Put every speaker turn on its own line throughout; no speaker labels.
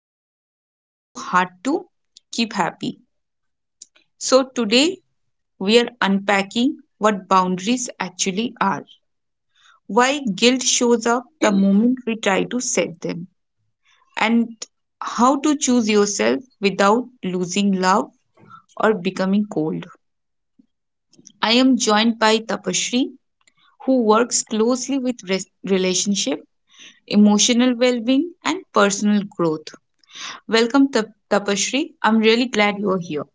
we tried so hard to keep happy. So today, we are unpacking what boundaries actually are, why guilt shows up the moment we try to set them, and how to choose yourself without losing love or becoming cold. I am joined by Tapashri, who works closely with relationship emotional well being, and personal growth. Welcome, Tapashri. I'm really glad you're here.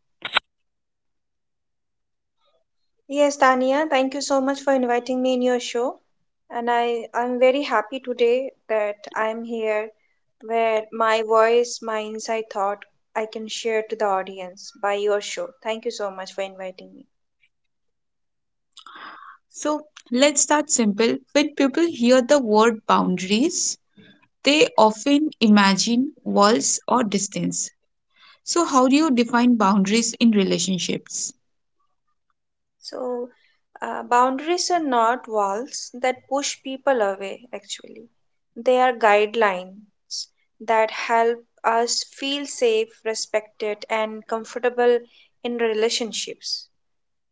Yes, Tania, thank you so much for inviting me in your show. And I'm very happy today that I'm here where my voice, my inside thought, I can share to the audience by your show. Thank you so much for inviting me.
So, let's start simple. When people hear the word boundaries, they often imagine walls or distance. So, how do you define boundaries in relationships?
So, boundaries are not walls that push people away, actually. They are guidelines that help us feel safe, respected, and comfortable in relationships.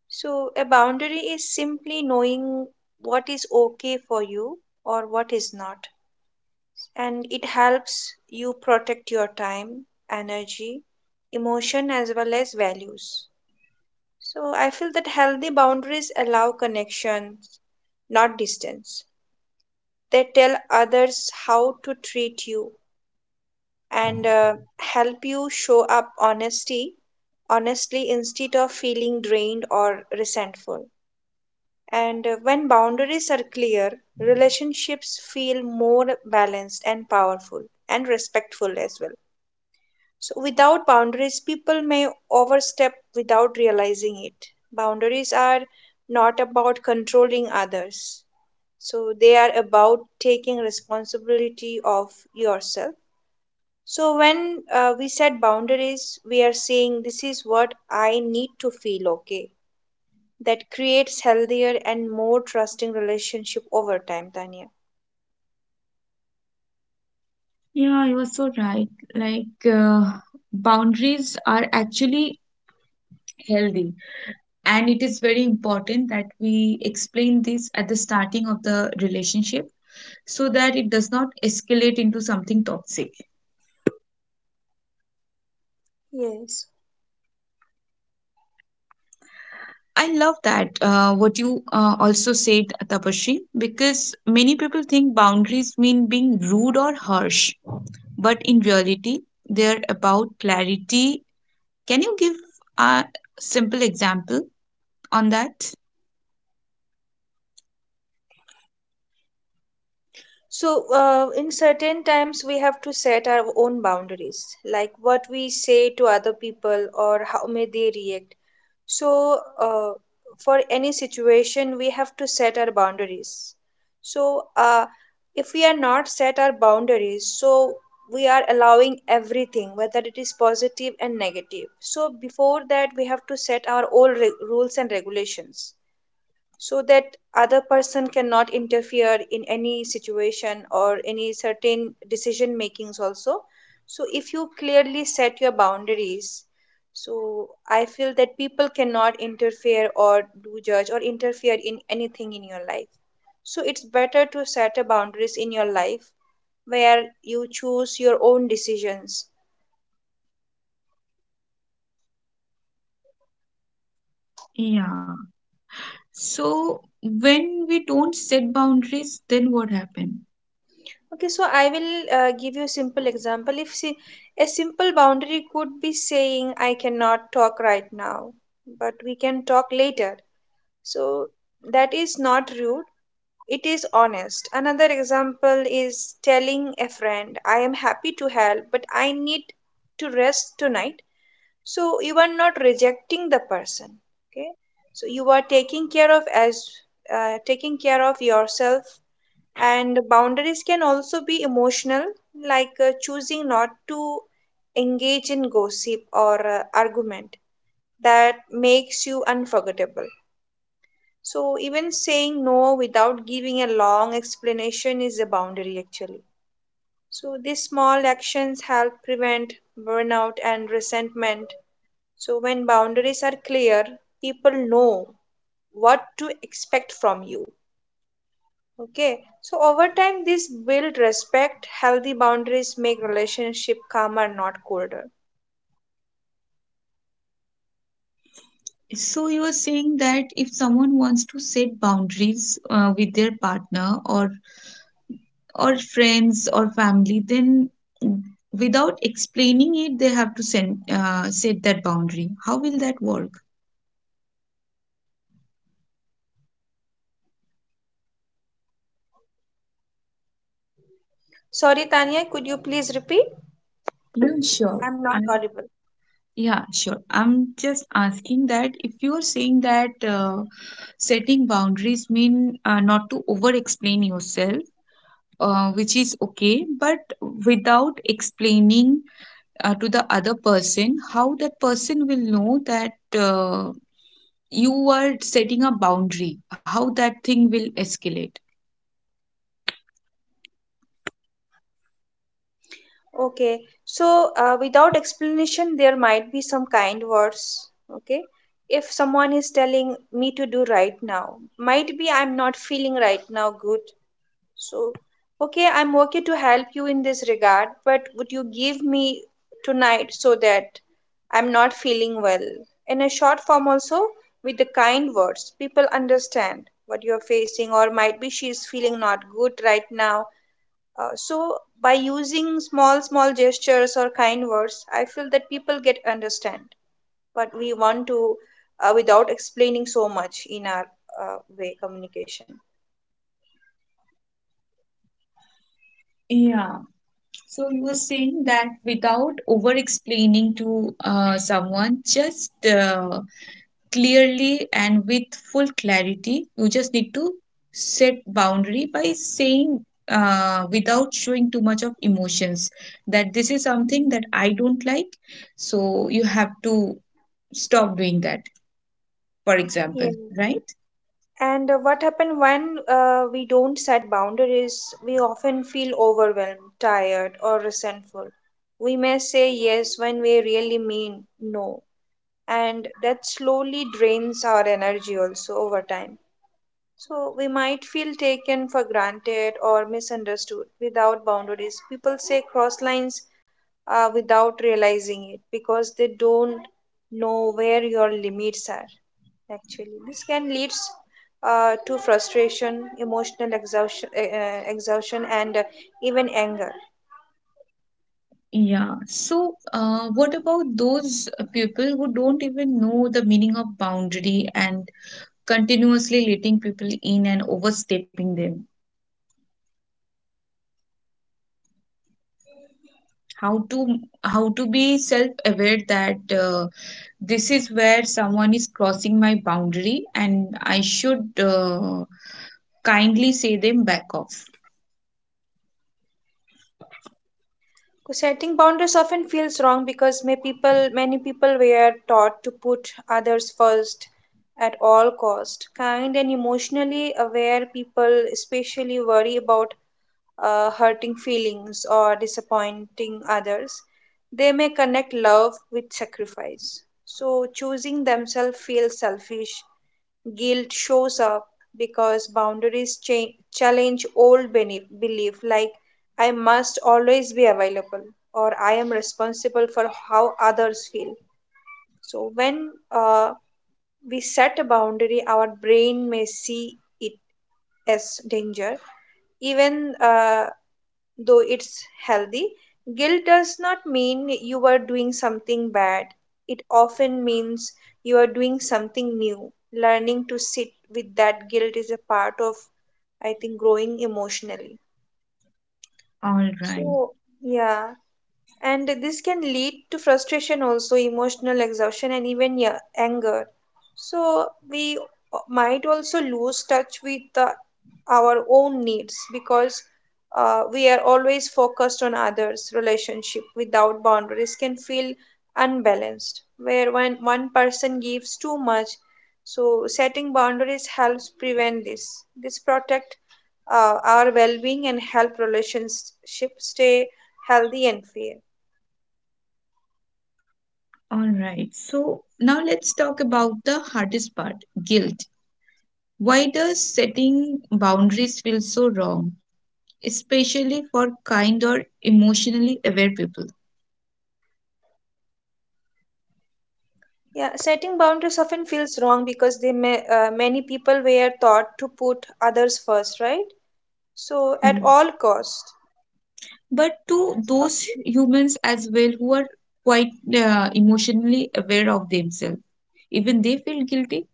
So, a boundary is simply knowing what is okay for you or what is not. And it helps you protect your time, energy, emotion, as well as values. So, I feel that healthy boundaries allow connections, not distance. They tell others how to treat you and help you show up honesty honestly instead of feeling drained or resentful. And when boundaries are clear, relationships feel more balanced and powerful and respectful as well. So, without boundaries, people may overstep without realizing it. Boundaries are not about controlling others; so, they are about taking responsibility of yourself. So, when we set boundaries, we are saying, this is what I need to feel okay, that creates healthier and more trusting relationship over time, Tanya.
Yeah, you're so right. Like, boundaries are actually healthy, and it is very important that we explain this at the starting of the relationship so that it does not escalate into something toxic.
Yes.
I love that what you also said, Tapashri, because many people think boundaries mean being rude or harsh, but in reality, they're about clarity. Can you give a simple example on that?
So in certain times we have to set our own boundaries, like what we say to other people or how may they react. So, for any situation, we have to set our boundaries. So, if we are not set our boundaries, so we are allowing everything, whether it is positive and negative. So, before that, we have to set our own rules and regulations so that other person cannot interfere in any situation or any certain decision makings also. So if you clearly set your boundaries, so I feel that people cannot interfere or do judge or interfere in anything in your life. So it's better to set a boundaries in your life where you choose your own decisions.
Yeah. So when we don't set boundaries, then what happens?
Okay, so I will give you a simple example. If see, a simple boundary could be saying, I cannot talk right now, but we can talk later. So that is not rude, it is honest. Another example is telling a friend, I am happy to help, but I need to rest tonight. So you are not rejecting the person. Okay, so you are taking care of yourself, and boundaries can also be emotional, like choosing not to engage in gossip or argument that makes you unforgettable. So even saying no without giving a long explanation is a boundary actually. So these small actions help prevent burnout and resentment. So when boundaries are clear, people know what to expect from you. Okay, so over time, this build respect. Healthy boundaries make relationship calmer, not colder.
So you are saying that if someone wants to set boundaries with their partner or friends or family, then without explaining it, they have to send, set that boundary. How will that work?
Sorry, Tanya, could you please repeat?
Yeah, sure.
I'm not
I'm,
audible.
yeah, sure. I'm just asking that if you're saying that setting boundaries mean not to over explain yourself, which is okay, but without explaining to the other person, how that person will know that. Uh, you are setting a boundary, how that thing will escalate.
Okay, so without explanation, there might be some kind words. Okay, if someone is telling me to do right now, might be I'm not feeling right now good. So, okay, I'm okay to help you in this regard, but would you give me tonight so that I'm not feeling well. In a short form, also with the kind words, people understand what you're facing, or might be she's feeling not good right now. So, by using small, small gestures or kind words, I feel that people get understand. But we want to, without explaining so much in our way communication.
Yeah. So you were saying that without over explaining to someone just clearly and with full clarity you just need to set boundary by saying without showing too much of emotions, that this is something
Mhm.
that I don't like, so you have to stop doing that, for
Yeah.
example, right?
And what happens when we don't set boundaries? We often feel overwhelmed, tired, or resentful. We may say yes when we really mean no, and that slowly drains our energy also over time. So we might feel taken for granted or misunderstood without boundaries. People say cross lines without realizing it because they don't know where your limits are. Actually, this can lead to frustration, emotional exhaustion, and even anger.
Yeah. So, what about those people who don't even know the meaning of boundary and continuously letting people in and overstepping them? How to how to be self-aware that this is where someone is crossing my boundary and I should kindly say them back off.
So setting boundaries often feels wrong because may people many people were taught to put others first at all cost. Kind and emotionally aware people especially worry about hurting feelings or disappointing others. They may connect love with sacrifice, so choosing themselves feels selfish. Guilt shows up because boundaries challenge old belief like, I must always be available, or I am responsible for how others feel. So when uh, we set a boundary, our brain may see it as danger, even though it's healthy. Guilt does not mean you are doing something bad. It often means you are doing something new. Learning to sit with that guilt is a part of, I think, growing emotionally.
All right.
So, yeah, and this can lead to frustration also, emotional exhaustion, and even, yeah, anger. So we might also lose touch with our own needs because we are always focused on others. Relationship without boundaries can feel unbalanced, where when one person gives too much. So setting boundaries helps prevent this, protect our well-being and help relationships stay healthy and fair.
All right. So now let's talk about the hardest part, guilt. Why does setting boundaries feel so wrong, especially for kind or emotionally aware people?
Yeah, setting boundaries often feels wrong because many people were taught to put others first, right? So at
Mm.
all cost.
But to those
Okay.
humans as well who are quite emotionally aware of themselves, even they feel guilty.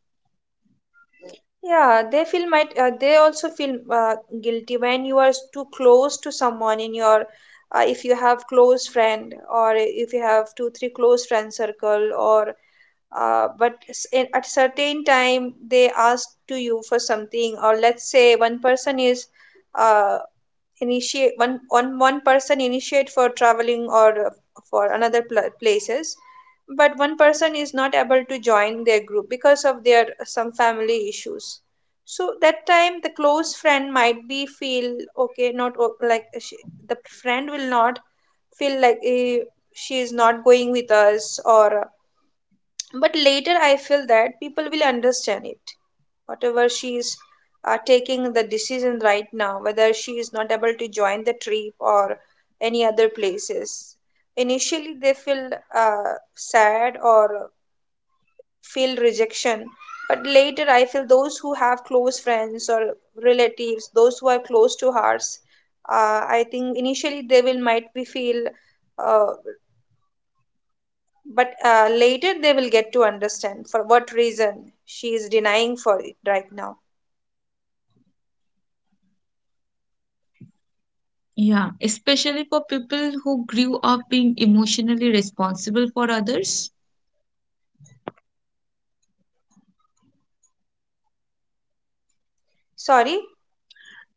Yeah, they also feel guilty when you are too close to someone in your if you have close friend, or if you have two three close friend circle, or but at certain time they ask to you for something, or let's say one person is uh, initiate one one one person initiate for traveling, or for another places, but one person is not able to join their group because of their some family issues. So that time the close friend might be feel okay, not like, the friend will not feel like, she is not going with us, or but later I feel that people will understand it. Whatever she is taking the decision right now, whether she is not able to join the trip or any other places. Initially, they feel sad or feel rejection. But later, I feel those who have close friends or relatives, those who are close to hearts, I think initially they will might be feel uh, but later they will get to understand for what reason she is denying for it right now.
Yeah, especially for people who grew up being emotionally responsible for others,
Sorry?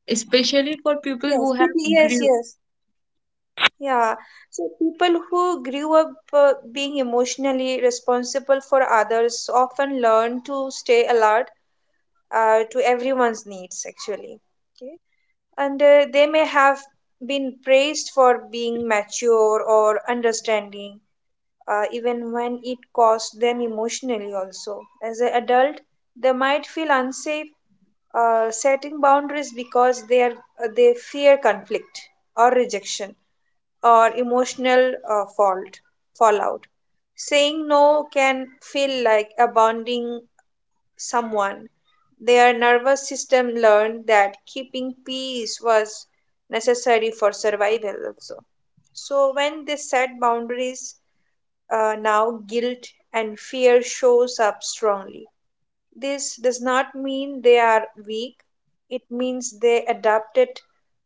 especially for people
Yes,
who have
people, yes,
grew.
yes. Yeah. So people who grew up being emotionally responsible for others often learn to stay alert to everyone's needs, actually. Okay. And they may have been praised for being mature or understanding even when it costs them emotionally also. As an adult they might feel unsafe setting boundaries because they fear conflict, or rejection, or emotional fault fallout. Saying no can feel like abandoning someone. Their nervous system learned that keeping peace was necessary for survival also. So when they set boundaries, now guilt and fear shows up strongly. This does not mean they are weak. It means they adapted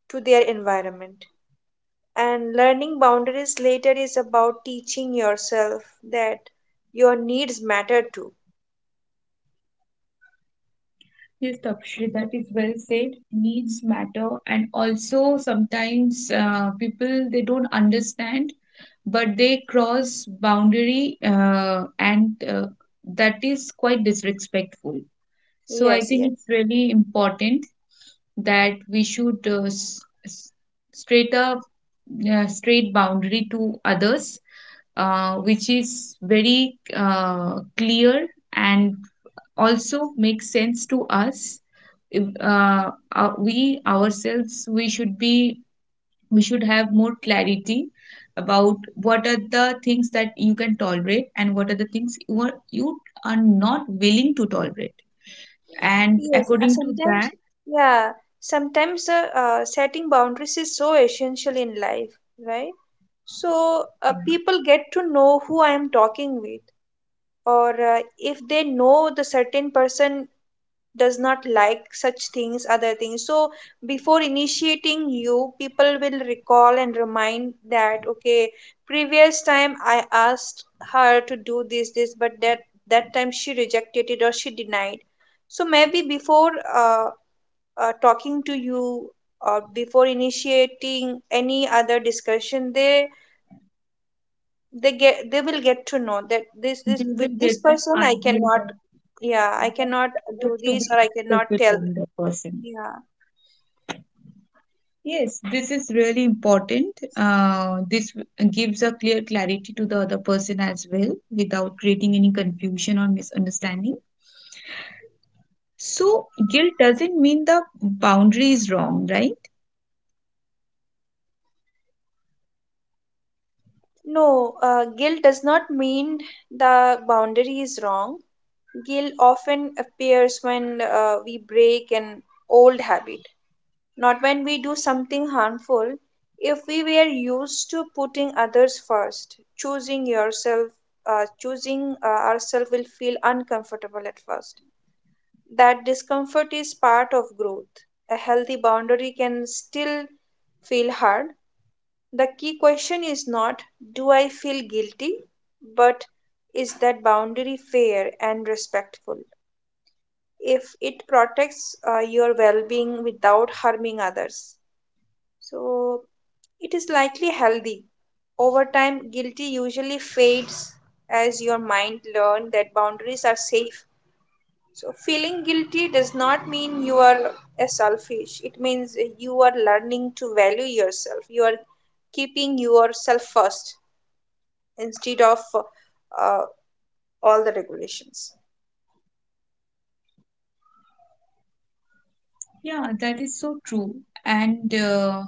to their environment, and learning boundaries later is about teaching yourself that your needs matter too.
Yes, Tapshri, that is well said. Needs matter, and also sometimes people they don't understand but they cross boundary and that is quite disrespectful, so I
Yes,
think
yes,
it's really important that we should straight up straight boundary to others, which is very clear and also makes sense to us. If, uh, we ourselves, we should be we should have more clarity about what are the things that you can tolerate and what are the things you are not willing to tolerate, and
yes.
according to that
Yeah Sometimes, setting boundaries is so essential in life, right? So people get to know who I am talking with, or if they know the certain person does not like such things, other things. So before initiating you, people will recall and remind that, okay, previous time I asked her to do this, this, but that time she rejected it or she denied. So maybe before talking to you or before initiating any other discussion, they will get to know that this,
we will
with this
get an
person I
idea
cannot.
that
Yeah, I
what,
cannot
what
do
to be
this, or I cannot
expected
tell.
from the person.
Yeah.
Yes, this is really important. This gives a clear clarity to the other person as well, without creating any confusion or misunderstanding. So guilt doesn't mean the boundary is wrong, right?
No, guilt does not mean the boundary is wrong. Guilt often appears when we break an old habit, not when we do something harmful. If we were used to putting others first, choosing ourselves will feel uncomfortable at first. That discomfort is part of growth. A healthy boundary can still feel hard. The key question is not, do I feel guilty, but, is that boundary fair and respectful? If it protects your well being without harming others, so it is likely healthy. Over time, guilty usually fades as your mind learns that boundaries are safe. So, feeling guilty does not mean you are a selfish, it means you are learning to value yourself, you are keeping yourself first. Instead of uh, all the regulations.
Yeah, that is so true. And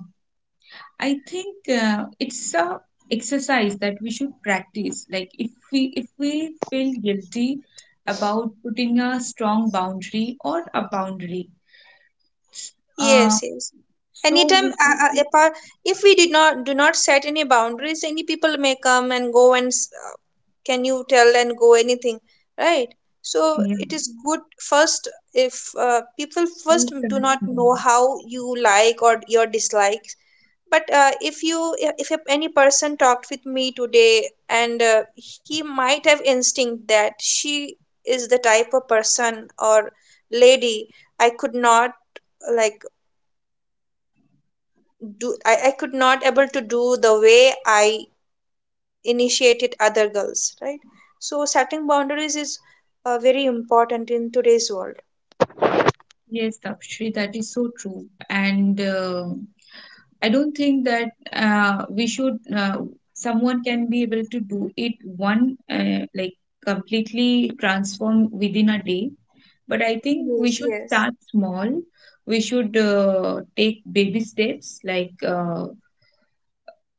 I think it's a exercise that we should practice. Like if we feel guilty about putting a strong boundary or a boundary, uh,
Yes, yes.
so
Anytime
we, I think,
apart, if we did not do not set any boundaries, any people may come and go and can you tell and go anything, right? So
yeah,
it is good first if people
we
first do
start
not
small.
know how you like or your dislike. But if you if any person talked with me today, and he might have instinct that she is the type of person or lady I could not, like, I could not able to do the way I initiated other girls, right? So setting boundaries is very important in today's world.
Yes, Tapshri, that is so true. And I don't think that we should someone can be able to do it one like completely transform within a day. But I think we
yes
should
yes
start small. We should take baby steps like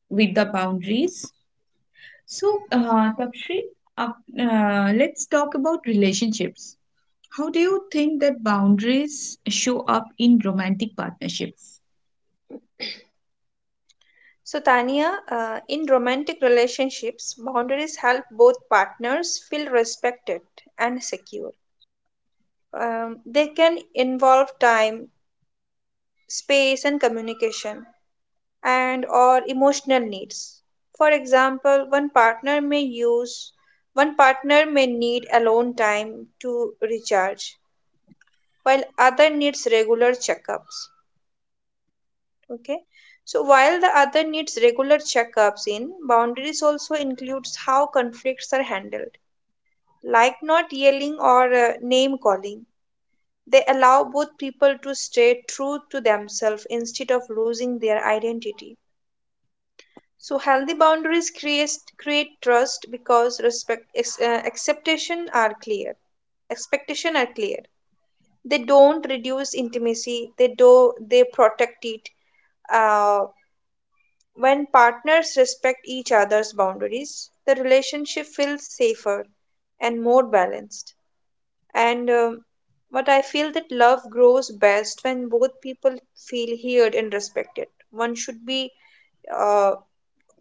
with the boundaries. So, Tapshri, uh, let's talk about relationships. How do you think that boundaries show up in romantic partnerships?
So Tania, in romantic relationships boundaries help both partners feel respected and secure. They can involve time, space, and communication, and or emotional needs. For example, one partner may need alone time to recharge, while other needs regular checkups. Okay. So while the other needs regular checkups in, boundaries also includes how conflicts are handled, like not yelling or name calling. They allow both people to stay true to themselves instead of losing their identity. So healthy boundaries create trust because respect acceptation are clear. Expectation are clear. They don't reduce intimacy. They protect it. Uh, when partners respect each other's boundaries, the relationship feels safer and more balanced. And but I feel that love grows best when both people feel heard and respected. One should be, uh,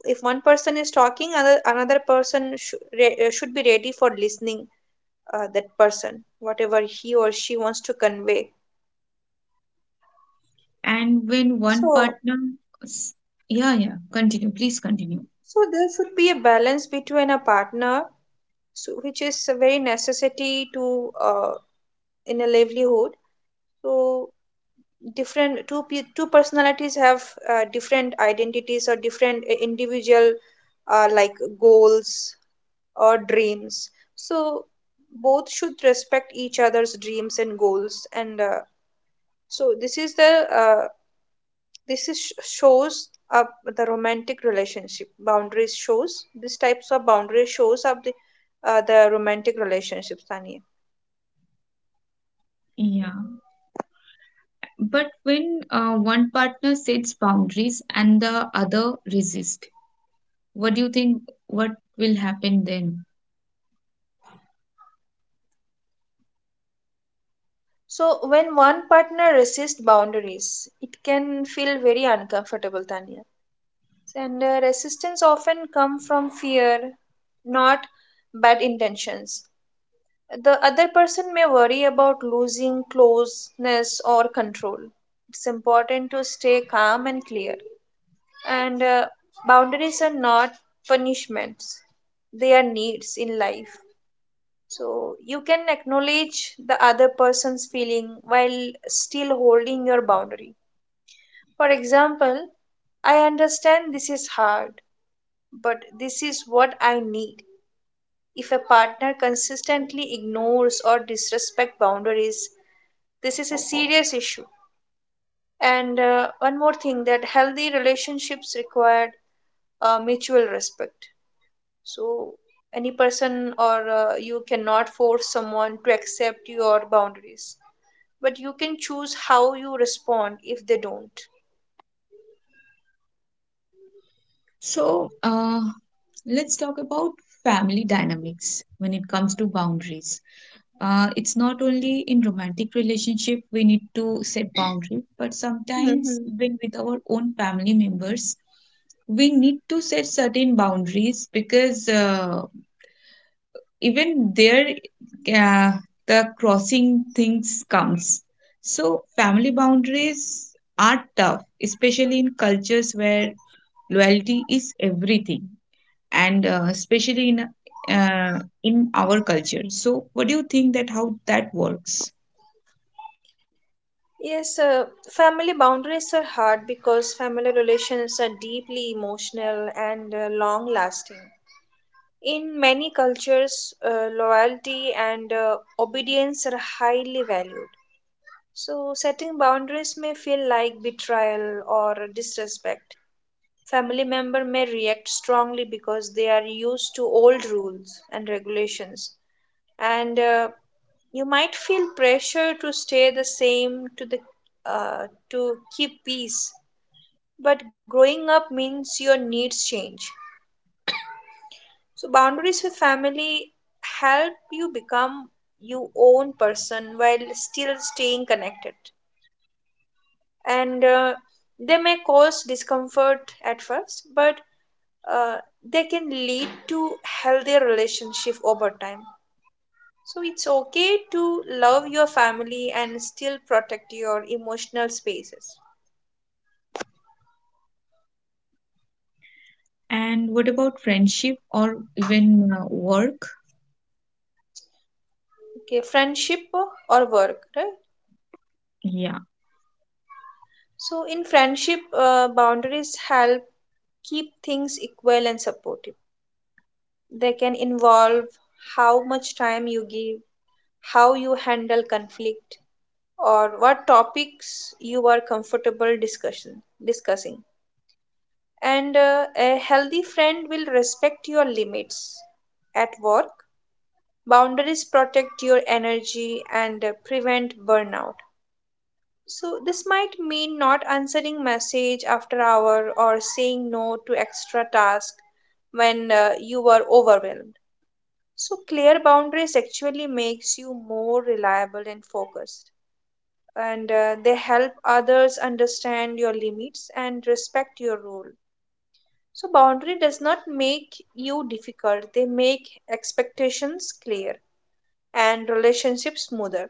if one person is talking, another person should be ready for listening. That person, whatever he or she wants to convey.
And when one
So,
partner, s- yeah, yeah, continue, please continue.
so there should be a balance between a partner, so, which is a very necessity to in a livelihood. So two personalities have different identities or different individual, like, goals or dreams. So both should respect each other's dreams and goals. And so this is the, uh, this is shows up the romantic relationship boundaries shows these types of boundaries shows up the romantic relationships, Tanya.
Yeah, but when one partner sets boundaries and the other resist, what do you think what will happen then?
So when one partner resists boundaries, it can feel very uncomfortable, tanya And resistance often come from fear, not bad intentions. The other person may worry about losing closeness or control. It's important to stay calm and clear. And boundaries are not punishments, they are needs in life. So you can acknowledge the other person's feeling while still holding your boundary. For example, I understand this is hard, but this is what I need. If a partner consistently ignores or disrespects boundaries, this is a serious issue. And one more thing, that healthy relationships require mutual respect. So any person, or you cannot force someone to accept your boundaries, but you can choose how you respond if they don't.
So, let's talk about family dynamics when it comes to boundaries. It's not only in romantic relationship we need to set boundaries, but sometimes even with our own family members we need to set certain boundaries because even there uh, the crossing things comes. So family boundaries are tough, especially in cultures where loyalty is everything, and especially in our culture. So what do you think, that how that works?
Yes, family boundaries are hard because family relations are deeply emotional and long lasting. In many cultures, loyalty and obedience are highly valued. So setting boundaries may feel like betrayal or disrespect. Family member may react strongly because they are used to old rules and regulations. And you might feel pressure to stay the same to the, to keep peace, but growing up means your needs change. So boundaries with family help you become your own person while still staying connected. And they may cause discomfort at first, but uh, they can lead to healthier relationship over time. So it's okay to love your family and still protect your emotional spaces.
And what about friendship or even work?
Okay, friendship or work, right?
Yeah,
So in friendship, boundaries help keep things equal and supportive. They can involve how much time you give, how you handle conflict, or what topics you are comfortable discussion discussing. And a healthy friend will respect your limits. At work, boundaries protect your energy and prevent burnout. So this might mean not answering message after hour or saying no to extra task when you are overwhelmed. So clear boundaries actually makes you more reliable and focused, and they help others understand your limits and respect your role. So boundary does not make you difficult. They make expectations clear and relationships smoother.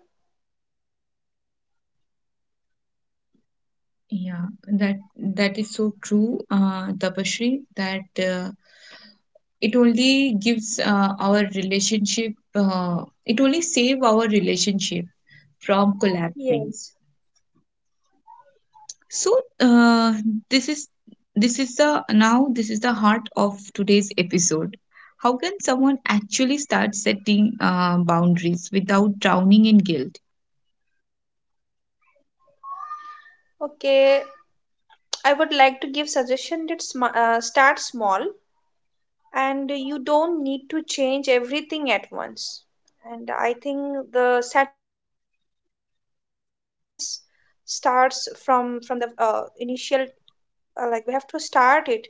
yeah, that that is so true, Tapashri, that it only gives our relationship, it only save our relationship from collapsing.
Yes.
So uh, this is this is the now this is the heart of today's episode. How can someone actually start setting boundaries without drowning in guilt?
Okay, I would like to give suggestion that start small, and you don't need to change everything at once. And I think the setting boundaries starts from the initial, like we have to start it.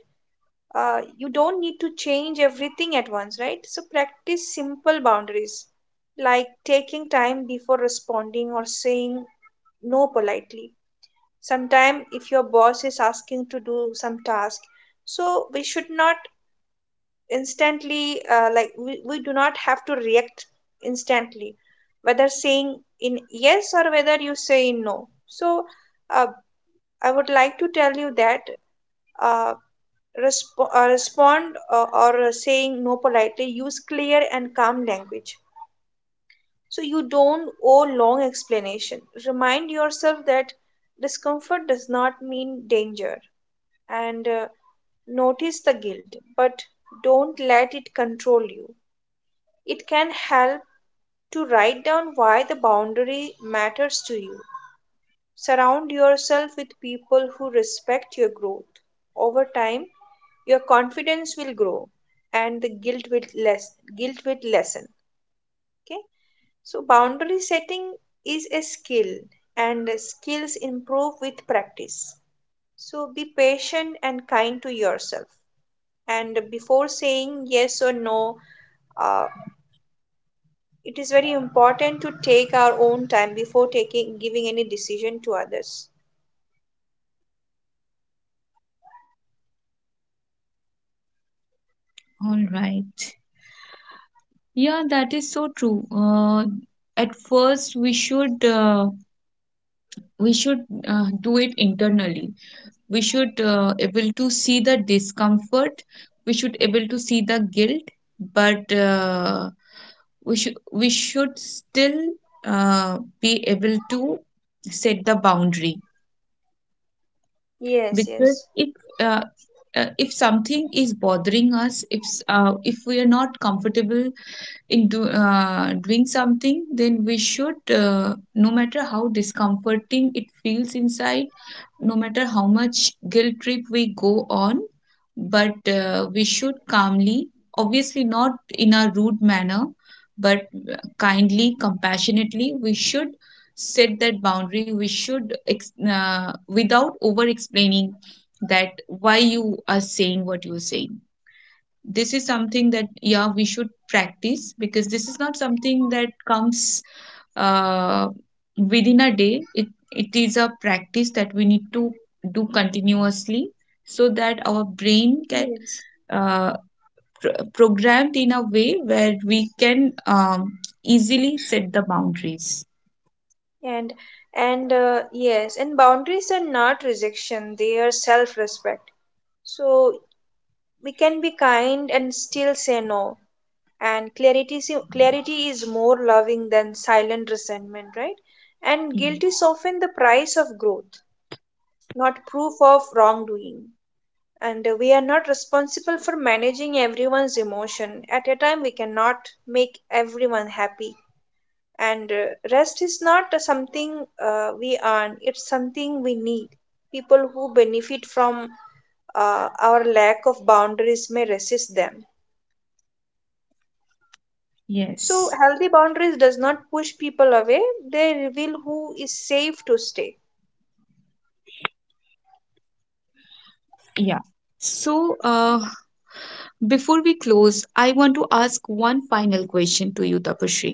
You don't need to change everything at once, right? So practice simple boundaries like taking time before responding, or saying no politely. Sometimes if your boss is asking to do some task, so we should not instantly, like, we do not have to react instantly, whether saying in yes or whether you say in no. So uh, I would like to tell you that uh, respond, or saying no politely, use clear and calm language. So you don't owe long explanation. Remind yourself that discomfort does not mean danger. And notice the guilt, but don't let it control you. It can help to write down why the boundary matters to you. Surround yourself with people who respect your growth. Over time, your confidence will grow and the guilt will less guilt will lessen. Okay? So boundary setting is a skill, and skills improve with practice. So be patient and kind to yourself. And before saying yes or no, uh, it is very important to take our own time before taking giving any decision to others.
All right. Yeah, that is so true. At first, we should do it internally. We should able to see the discomfort. We should able to see the guilt, but we should still be able to set the boundary.
yes
Because
yes
uh, if something is bothering us, if if we are not comfortable into doing something, then we should, no matter how discomforting it feels inside, no matter how much guilt trip we go on, but we should calmly, obviously not in a rude manner, but kindly, compassionately, we should set that boundary. We should, without over explaining that why you are saying what you're saying. This is something that, yeah, we should practice, because this is not something that comes uh, within a day. It is a practice that we need to do continuously, so that our brain can
yes
uh, programmed in a way where we can easily set the boundaries.
and and yes, and boundaries are not rejection, they are self respect. So we can be kind and still say no. And clarity is more loving than silent resentment, right? And
Mm.
guilt is often the price of growth, not proof of wrongdoing. And we are not responsible for managing everyone's emotion at a time. We cannot make everyone happy. And rest is not something we earn, it's something we need. People who benefit from our lack of boundaries may resist them. So
Yes.
healthy boundaries does not push people away, they reveal who is safe to stay.
Yeah. So before we close, I want to ask one final question to you, Tapashri.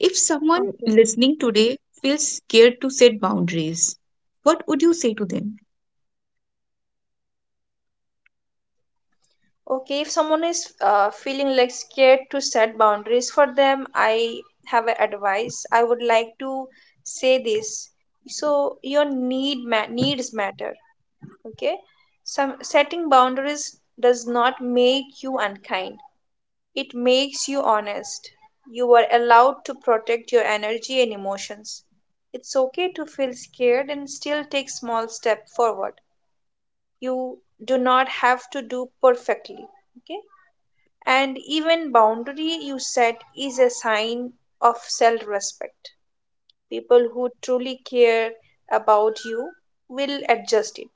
If someone
Okay.
listening today feels scared to set boundaries, what would you say to them?
Okay, if someone is feeling like scared to set boundaries, for them I have an advice. I would like to say this. So your needs matter. Okay, some setting boundaries does not make you unkind. It makes you honest. You are allowed to protect your energy and emotions. It's okay to feel scared and still take small step forward. You do not have to do perfectly. Okay. And even boundary you set is a sign of self-respect. People who truly care about you will adjust it,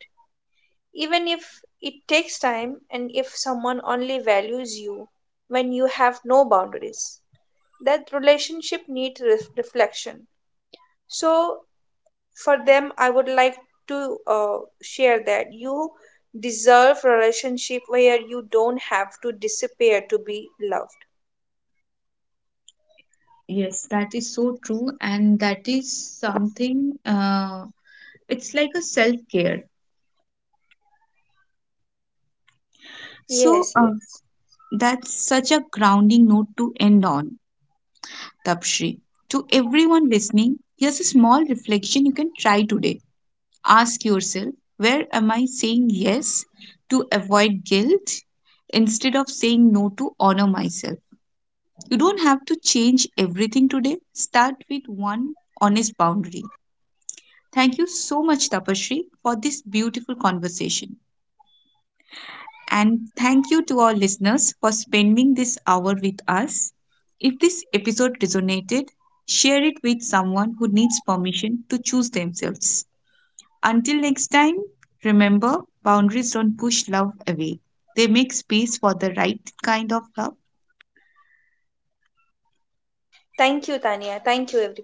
even if it takes time. And if someone only values you when you have no boundaries, that relationship needs reflection. So for them I would like to share that you deserve relationship where you don't have to disappear to be loved.
Yes, that is so true, and that is something, it's like a self care. So,
yes yes
that's such a grounding note to end on, Tapshri. To everyone listening, here's a small reflection you can try today. Ask yourself, where am I saying yes to avoid guilt instead of saying no to honor myself? You don't have to change everything today. Start with one honest boundary. Thank you so much, Tapasree, for this beautiful conversation. And thank you to our listeners for spending this hour with us. If this episode resonated, share it with someone who needs permission to choose themselves. Until next time, remember, boundaries don't push love away, they make space for the right kind of love.
Thank you, Tanya. Thank you, everybody.